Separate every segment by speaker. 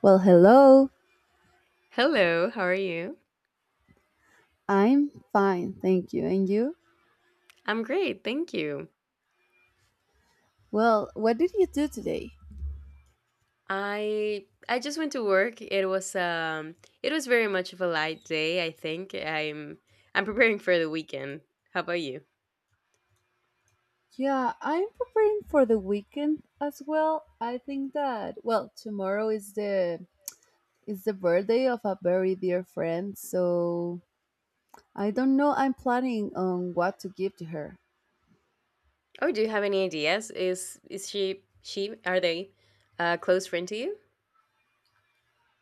Speaker 1: Well, hello.
Speaker 2: Hello, how are you?
Speaker 1: I'm fine, thank you. And you?
Speaker 2: I'm great, thank you.
Speaker 1: Well, what did you do today?
Speaker 2: I just went to work. It was very much of a light day, I think. I'm preparing for the weekend. How about you?
Speaker 1: Yeah, I'm preparing for the weekend as well. I think that, well, tomorrow is the birthday of a very dear friend, so I don't know. I'm planning on what to give to her.
Speaker 2: Oh, do you have any ideas? Is she are they a close friend to you?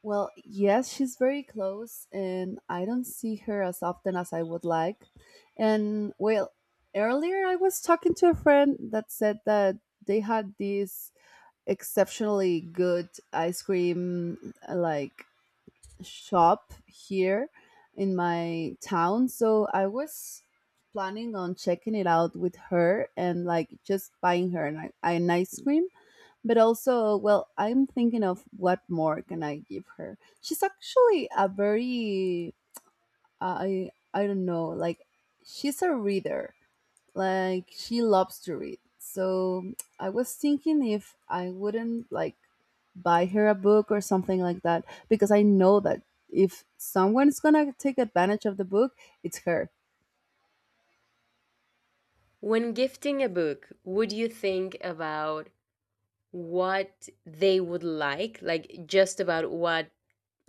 Speaker 1: Well, yes, she's very close and I don't see her as often as I would like. And, well, earlier I was talking to a friend that said that they had this exceptionally good ice cream, like, shop here in my town, so I was planning on checking it out with her and, like, just buying her an ice cream. But also, well, I'm thinking of what more can I give her. She's actually a very, I don't know, like, she's a reader, like she loves to read. So I was thinking if I wouldn't, like, buy her a book or something like that, because I know that if someone is going to take advantage of the book, it's her.
Speaker 2: When gifting a book, would you think about what they would like? Like just about what,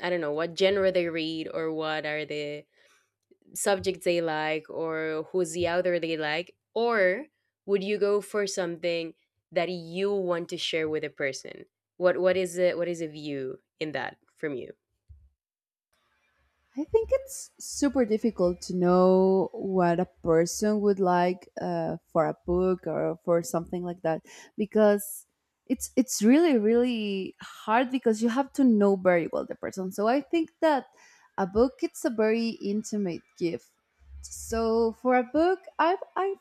Speaker 2: I don't know, what genre they read, or what are the subject they like, or who's the author they like, or would you go for something that you want to share with a person? What is it, what is a view in that from you?
Speaker 1: I think it's super difficult to know what a person would like for a book or for something like that, because it's really, really hard because you have to know very well the person. So I think that a book, it's a very intimate gift. So for a book, I have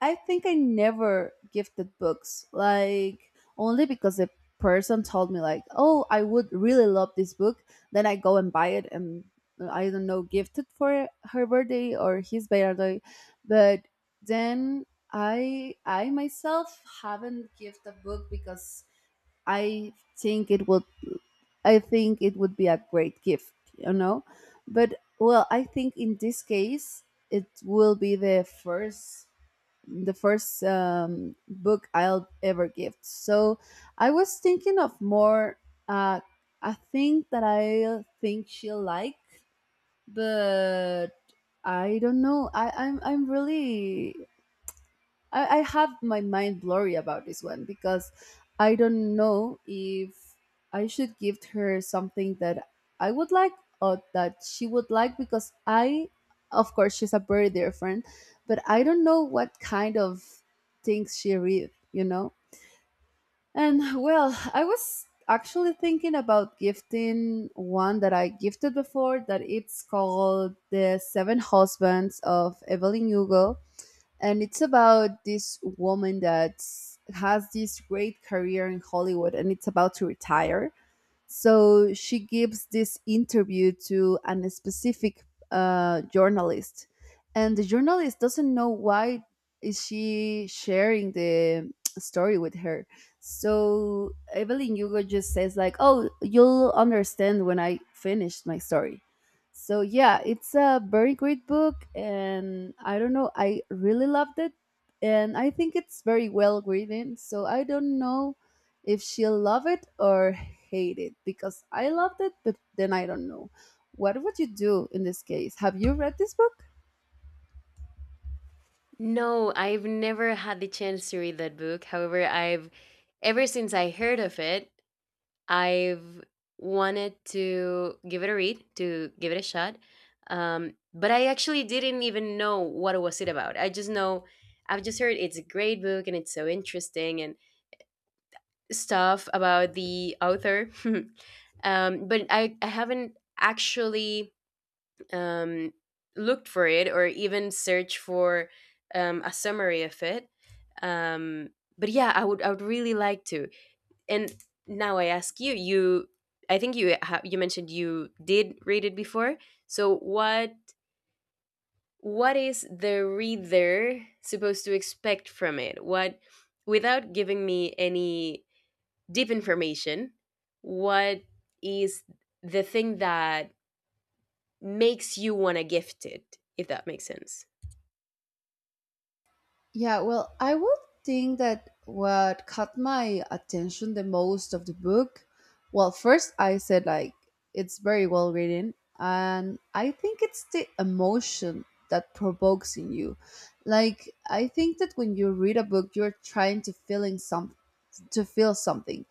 Speaker 1: I think I never gifted books, like, only because the person told me, like, "Oh, I would really love this book." Then I go and buy it and, I don't know, gifted for her birthday or his birthday. But then I myself haven't gifted a book because I think it would I think it would be a great gift, you know. But, well, I think in this case it will be the first, book I'll ever gift. So I was thinking of more, uh, a thing that I think she'll like, but I don't know. I, I'm really I have my mind blurry about this one because I don't know if I should give her something that I would like or that she would like. Because I, of course, she's a very dear friend, but I don't know what kind of things she read, you know? And, well, I was actually thinking about gifting one that I gifted before that it's called The Seven Husbands of Evelyn Hugo, and it's about this woman that has this great career in Hollywood and it's about to retire. So she gives this interview to a specific, journalist, and the journalist doesn't know why is she sharing the story with her. So Evelyn Hugo just says, like, "Oh, you'll understand when I finished my story." So, yeah, it's a very great book, and I don't know, I really loved it, and I think it's very well written. So I don't know if she'll love it or hate it, because I loved it, but then I don't know. What would you do in this case? Have you read this book?
Speaker 2: No, I've never had the chance to read that book. However, I've ever since I heard of it, I've wanted to give it a read, to give it a shot. But I actually didn't even know what was it about. I've just heard it's a great book and it's so interesting and stuff about the author. But I haven't actually um, looked for it, or even searched for a summary of it. um, but yeah, I would really like to. And now I ask you, I think you mentioned you did read it before. So what is the reader supposed to expect from it, what without giving me any deep information? What is the thing that makes you want to gift it, if that makes sense?
Speaker 1: Yeah, well, I would think that what caught my attention the most of the book, well, first I said, like, it's very well written, and I think it's the emotion that provokes in you. Like, I think that when you read a book, you're trying to feeling something, to feel something,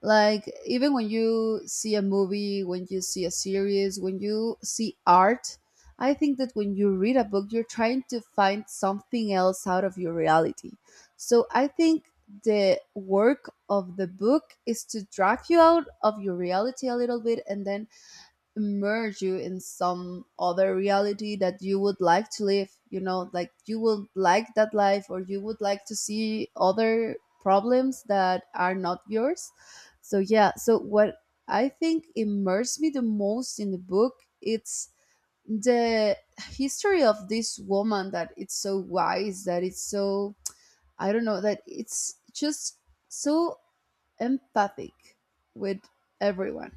Speaker 1: like even when you see a movie, when you see a series, when you see art, I think that when you read a book, you're trying to find something else out of your reality. So I think the work of the book is to drag you out of your reality a little bit, and then immerse you in some other reality that you would like to live, you know, like you would like that life, or you would like to see other problems that are not yours. So, yeah, so what I think immersed me the most in the book, it's the history of this woman that it's so wise, that it's so, I don't know, that it's just so empathic with everyone.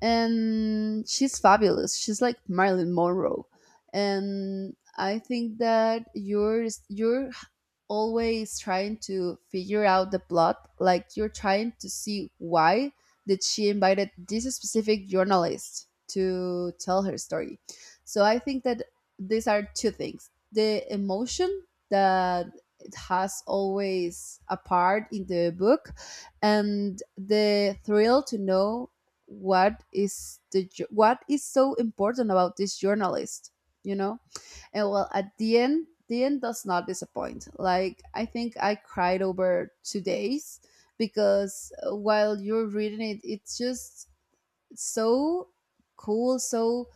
Speaker 1: And she's fabulous. She's like Marilyn Monroe, and I think that you're always trying to figure out the plot. Like you're trying to see why did she invited this specific journalist to tell her story. So I think that these are two things: the emotion that it has always a part in the book, and the thrill to know what is the what is so important about this journalist, you know. And, well, at the end, the end does not disappoint. Like I think I cried over 2 days because while you're reading it, it's just so cool, so,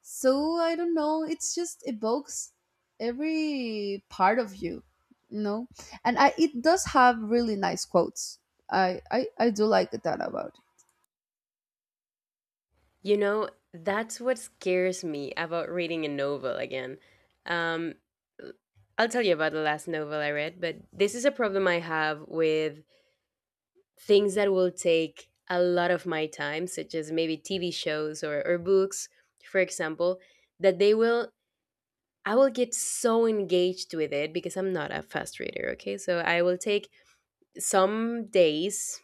Speaker 1: I don't know, it's just evokes every part of you, you know. And I, it does have really nice quotes. I do like that about...
Speaker 2: You know, that's what scares me about reading a novel again. um I'll tell you about the last novel I read, but this is a problem I have with things that will take a lot of my time, such as maybe TV shows or books, for example, that they will, I will get so engaged with it because I'm not a fast reader. Okay, so I will take some days,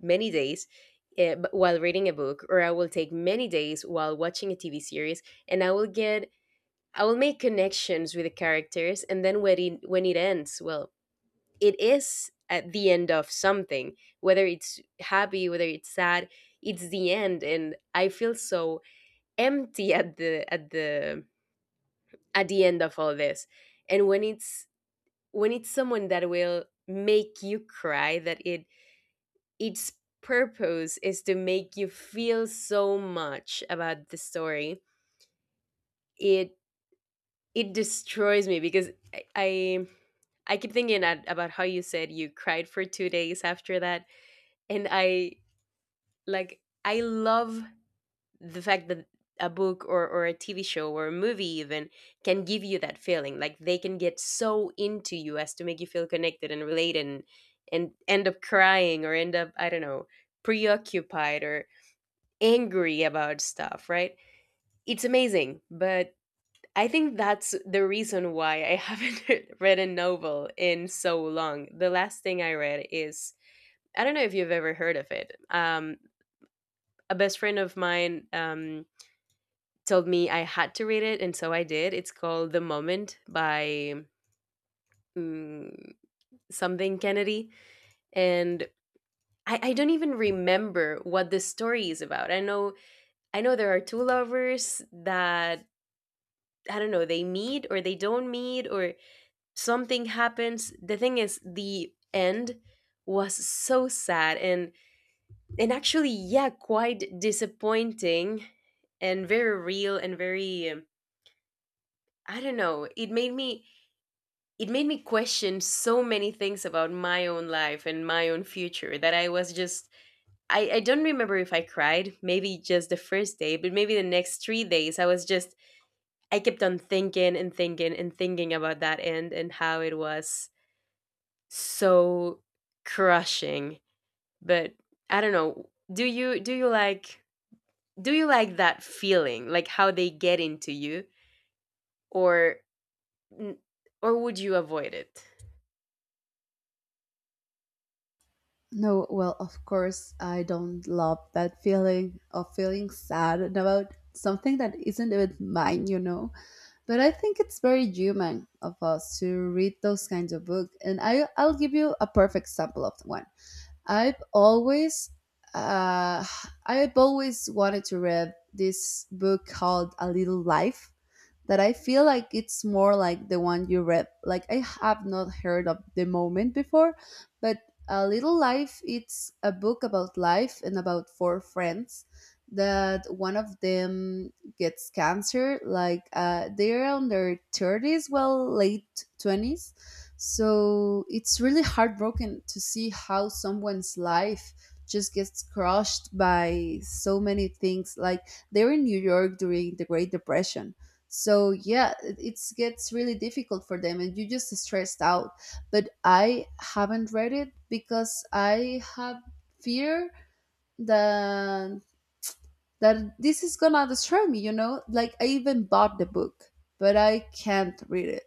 Speaker 2: many days, while reading a book, or I will take many days while watching a TV series, and I will get, I will make connections with the characters, and then when it ends, well, it is at the end of something, whether it's happy, whether it's sad, it's the end, and I feel so empty at the end of all this, and when it's someone that will make you cry, that it its purpose is to make you feel so much about the story, it it destroys me because I keep thinking about how you said you cried for 2 days after that. And I Like, I love the fact that a book or a TV show or a movie even can give you that feeling, like they can get so into you as to make you feel connected and related , and end up crying, or end up, I don't know, preoccupied or. Angry about stuff, right? It's amazing, but I think that's the reason why I haven't read a novel in so long. The last thing I read is, I don't know if you've ever heard of it. A best friend of mine told me I had to read it, and so I did. It's called The Moment by mm, something Kennedy, and I don't even remember what the story is about. I know there are two lovers that, I don't know, they meet or they don't meet or something happens. The thing is, the end was so sad , and actually, yeah, quite disappointing, and very real, and very, I don't know, it made me, it made me question so many things about my own life and my own future that I was just, I don't remember if I cried, maybe just the first day, but maybe the next 3 days I was just, I kept on thinking and thinking and thinking about that end and how it was so crushing. But I don't know. Do you like that feeling, like how they get into you, or would you avoid it?
Speaker 1: No, well, of course, I don't love that feeling of feeling sad about something that isn't even mine, you know. But I think it's very human of us to read those kinds of books, and I, I'll give you a perfect example of one. I've always, uh, I've always wanted to read this book called A Little Life, that I feel like it's more like the one you read. Like I have not heard of The Moment before, but A Little Life, it's a book about life and about four friends, that one of them gets cancer, like, they're on their 30s, well, late 20s. So it's really heartbroken to see how someone's life just gets crushed by so many things, like they're in New York during the Great Depression. So, yeah, it's gets really difficult for them and you just stressed out. But I haven't read it because I have fear that, this is gonna destroy me, you know. Like I even bought the book, but I can't read it.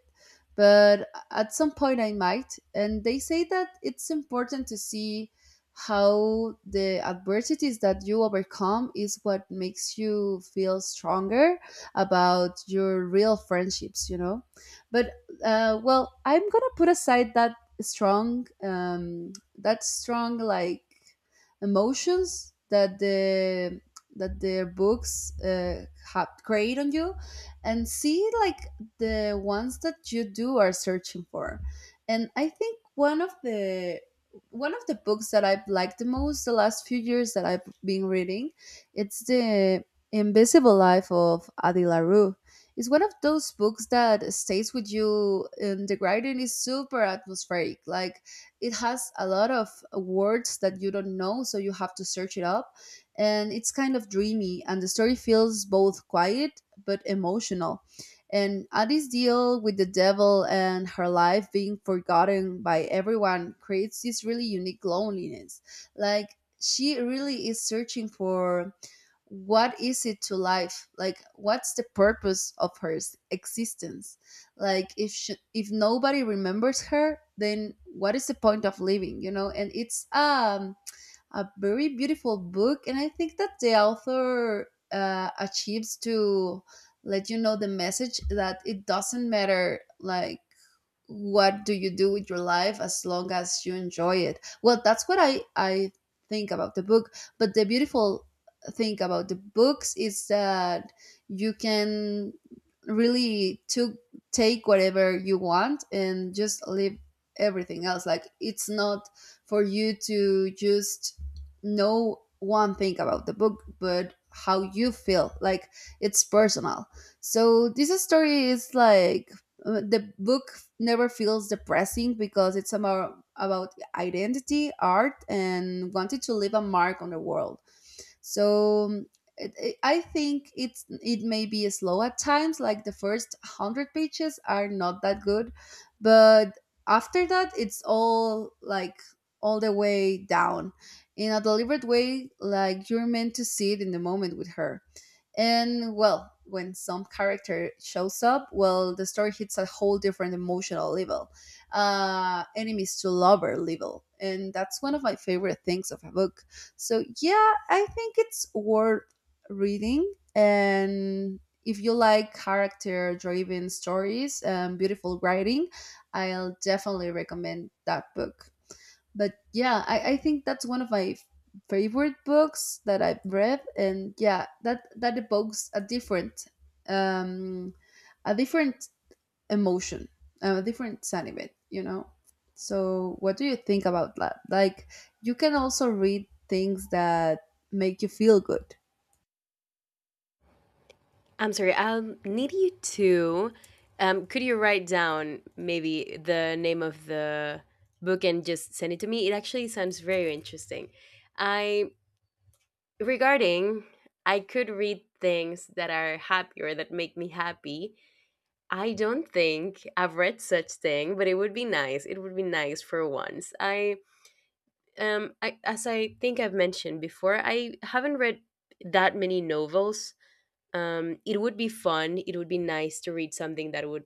Speaker 1: But at some point I might, and they say that it's important to see how the adversities that you overcome is what makes you feel stronger about your real friendships, you know. But, well, I'm gonna put aside that strong, emotions that the that their books have create on you, and see, like, the ones that you do are searching for. And I think one of the books that I've liked the most the last few years that I've been reading, it's The Invisible Life of adi larue. It's one of those books that stays with you, and the writing is super atmospheric. Like it has a lot of words that you don't know, so you have to search it up, and it's kind of dreamy, and the story feels both quiet but emotional. And Addie's deal with the devil and her life being forgotten by everyone creates this really unique loneliness. Like she really is searching for what is it to life? Like what's the purpose of her existence? Like if she, if nobody remembers her, then what is the point of living? You know. And it's a very beautiful book, and I think that the author achieves to let you know the message that it doesn't matter, like, what do you do with your life as long as you enjoy it. Well, that's what I think about the book. But the beautiful thing about the books is that you can really to take whatever you want and just leave everything else. Like it's not for you to just know one thing about the book, but how you feel, like, it's personal. So this story is like, the book never feels depressing because it's about, identity, art, and wanted to leave a mark on the world. So, I think it may be slow at times. Like the first 100 pages are not that good, but after that, it's all, like, all the way down in a deliberate way, like you're meant to see it in the moment with her. And, well, when some character shows up, well, the story hits a whole different emotional level, enemies to lover level. And that's one of my favorite things of a book. So, yeah, I think it's worth reading. And if you like character driven stories and beautiful writing, I'll definitely recommend that book. But, yeah, I think that's one of my favorite books that I've read, and, yeah, that evokes um, a different emotion, a different sentiment, you know. So, what do you think about that? Like, you can also read things that make you feel good.
Speaker 2: I'm sorry. I'll need you to. Could you write down maybe the name of the book and just send it to me? It actually sounds very interesting. I regarding I could read things that are happy or that make me happy. I don't think I've read such thing, but it would be nice. It would be nice for once. As I think I've mentioned before, I haven't read that many novels. It would be fun. It would be nice to read something that would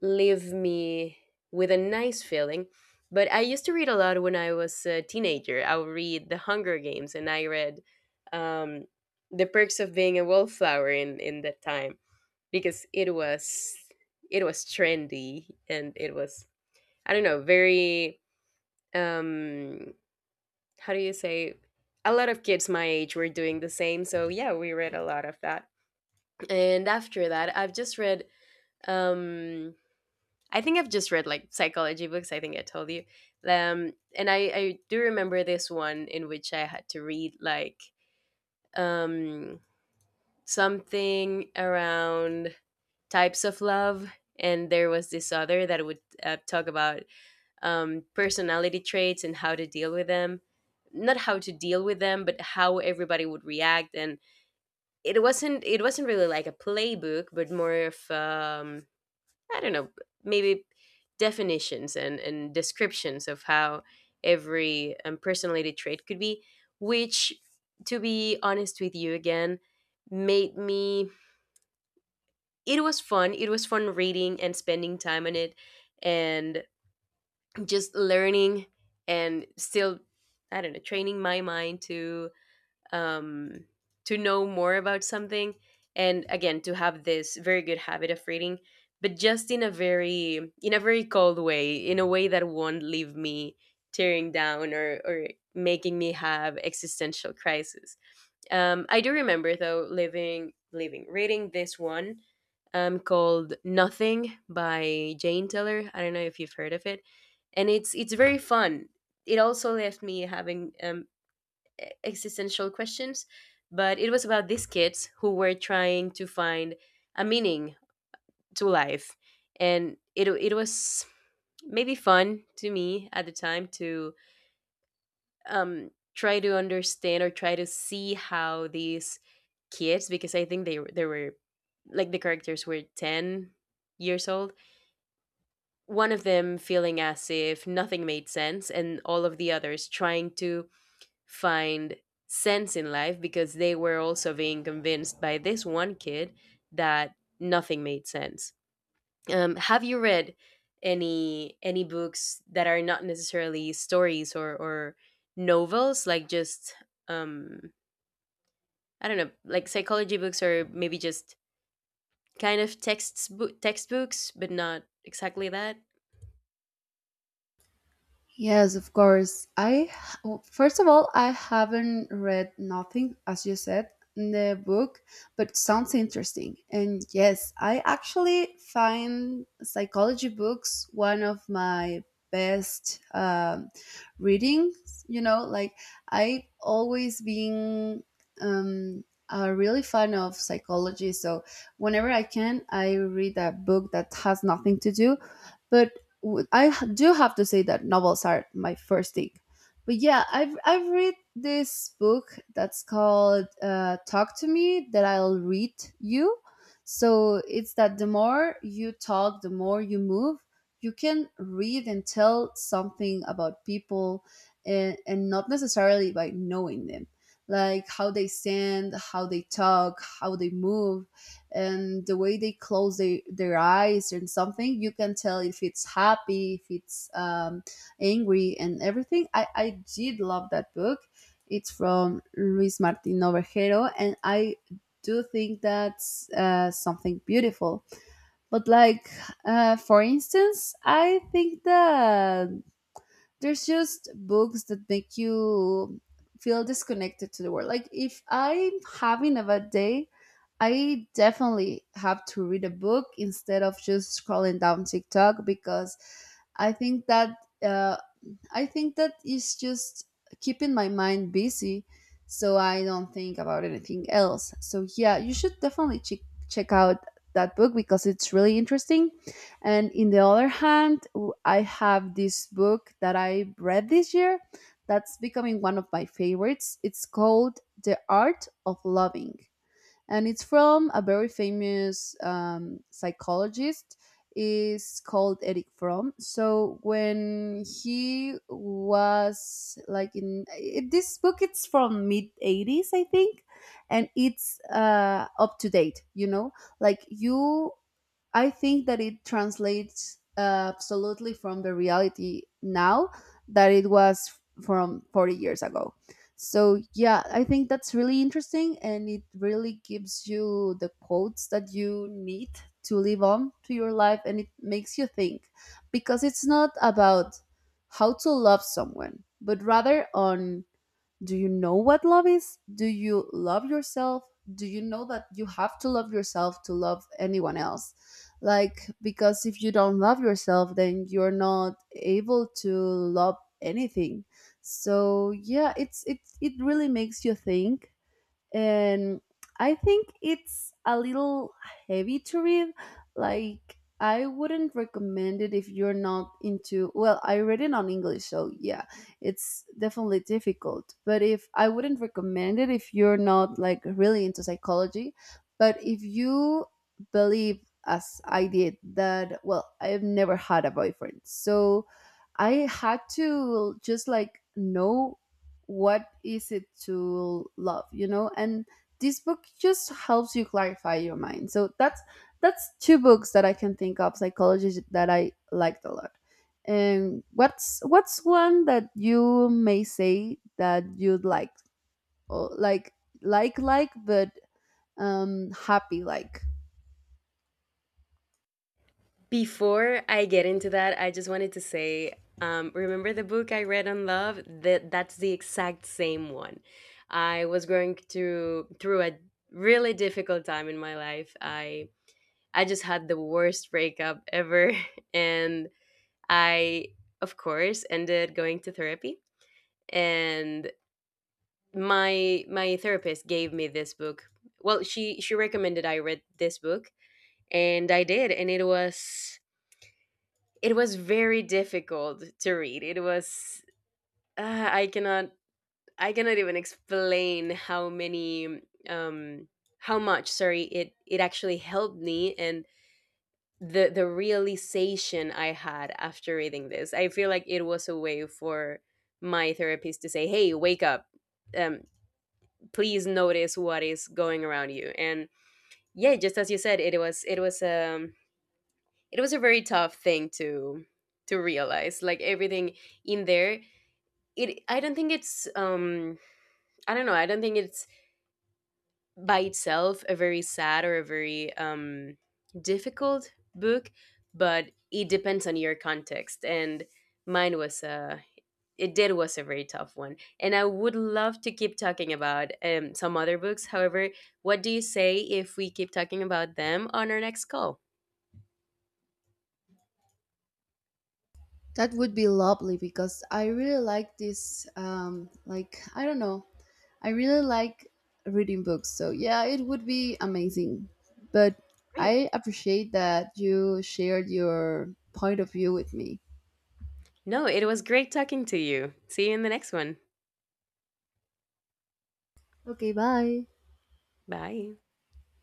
Speaker 2: leave me with a nice feeling. But I used to read a lot when I was a teenager. I would read The Hunger Games, and I read um, The Perks of Being a Wallflower in that time because it was trendy, and it was, I don't know, very um, how do you say, a lot of kids my age were doing the same. So yeah, we read a lot of that. And after that, um I think I've just read like psychology books. I think I told you. And I do remember this one in which I had to read, like, um, something around types of love. And there was this other that would talk about personality traits and how to deal with them. Not how to deal with them, but how everybody would react. And it wasn't really like a playbook, but more of, I don't know, maybe definitions and descriptions of how every personality trait could be, which, to be honest with you again, made me. It was fun. It was fun reading and spending time on it and just learning and still, I don't know, training my mind to, um, to know more about something, and again, to have this very good habit of reading, but just in a very, in a very cold way, in a way that won't leave me tearing down or making me have existential crisis. I do remember though living living reading this one, called Nothing by Jane Teller. I don't know if you've heard of it, and it's very fun. It also left me having, existential questions, but it was about these kids who were trying to find a meaning to life. And it was maybe fun to me at the time to, try to understand or try to see how these kids, because I think they, they were, like, the characters were 10 years old, one of them feeling as if nothing made sense, and all of the others trying to find sense in life because they were also being convinced by this one kid that nothing made sense. Have you read any books that are not necessarily stories or novels, like just, um, I don't know, like psychology books, or maybe just kind of texts textbooks, but not exactly that?
Speaker 1: Yes, of course. I, well, first of all, I haven't read nothing as you said in the book, but sounds interesting. And, yes, I actually find psychology books one of my best, readings. You know, like I always been, um, a really fan of psychology. So whenever I can, I read a book that has nothing to do. But do have to say that novels are my first thing. But yeah, I've read this book that's called "Talk to Me" that I'll read you. So it's that the more you talk, the more you move. You can read and tell something about people, and not necessarily by knowing them, like how they stand, how they talk, how they move and the way they close their eyes and something you can tell if it's happy if it's angry and everything I did love that book. It's from Luis Martin Novejero and I do think that's something beautiful. But like for instance I think that there's just books that make you feel disconnected to the world, like if I'm having a bad day I definitely have to read a book instead of just scrolling down TikTok because i think that uh, I think that is just keeping my mind busy so I don't think about anything else. So yeah, you should definitely check out that book because it's really interesting. And in the other hand, I have this book that I read this year that's becoming one of my favorites. It's called "The Art of Loving" and it's from a very famous psychologist is called Eric Fromm. So when he was like in it, this book, it's from mid 80s, I think, and it's up to date, like you I think that it translates absolutely from the reality now that it was from 40 years ago. So, yeah, I think that's really interesting and it really gives you the quotes that you need to live on to your life and it makes you think because it's not about how to love someone, but rather on do you know what love is? Do you love yourself? Do you know that you have to love yourself to love anyone else? Like, because if you don't love yourself, then you're not able to love anything. So yeah, it really makes you think. And I think it's a little heavy to read. Like I wouldn't recommend it if you're not into. Well, I read it on English, so yeah, it's definitely difficult. But if I wouldn't recommend it if you're not like really into psychology, but if you believe as I did that, well, I've never had a boyfriend, so I had to just like know what is it to love. And this book just helps you clarify your mind. So that's two books that I can think of psychology that I liked a lot. And what's one that you may say that you'd like, or like, but happy, like.
Speaker 2: Before I get into that, I just wanted to say, remember the book I read on love? That's the exact same one. I was going through a really difficult time in my life. I just had the worst breakup ever, and I, of course, ended going to therapy. And my therapist gave me this book. Well, she recommended I read this book, and I did, and it was, it was very difficult to read. It was, I cannot, I cannot even explain how many, um how much, sorry, it actually helped me, and the realization I had after reading this. I feel like it was a way for my therapist to say, "Hey, wake up. Um Please notice what is going around you." And yeah, just as you said, it was a very tough thing to realize, like, everything in there. It I don't think it's, I don't know, I don't think it's, by itself, a very sad or a very difficult book, but it depends on your context, and mine was a, it did was a very tough one. And I would love to keep talking about some other books. However, what do you say if we keep talking about them on our next call?
Speaker 1: That would be lovely because I really like this like I don't know, I really like reading books, so yeah, it would be amazing. But
Speaker 2: Great.
Speaker 1: I appreciate that you shared your point of view with me.
Speaker 2: No, it was great talking to you. See you in the next one.
Speaker 1: Okay, bye.
Speaker 2: Bye.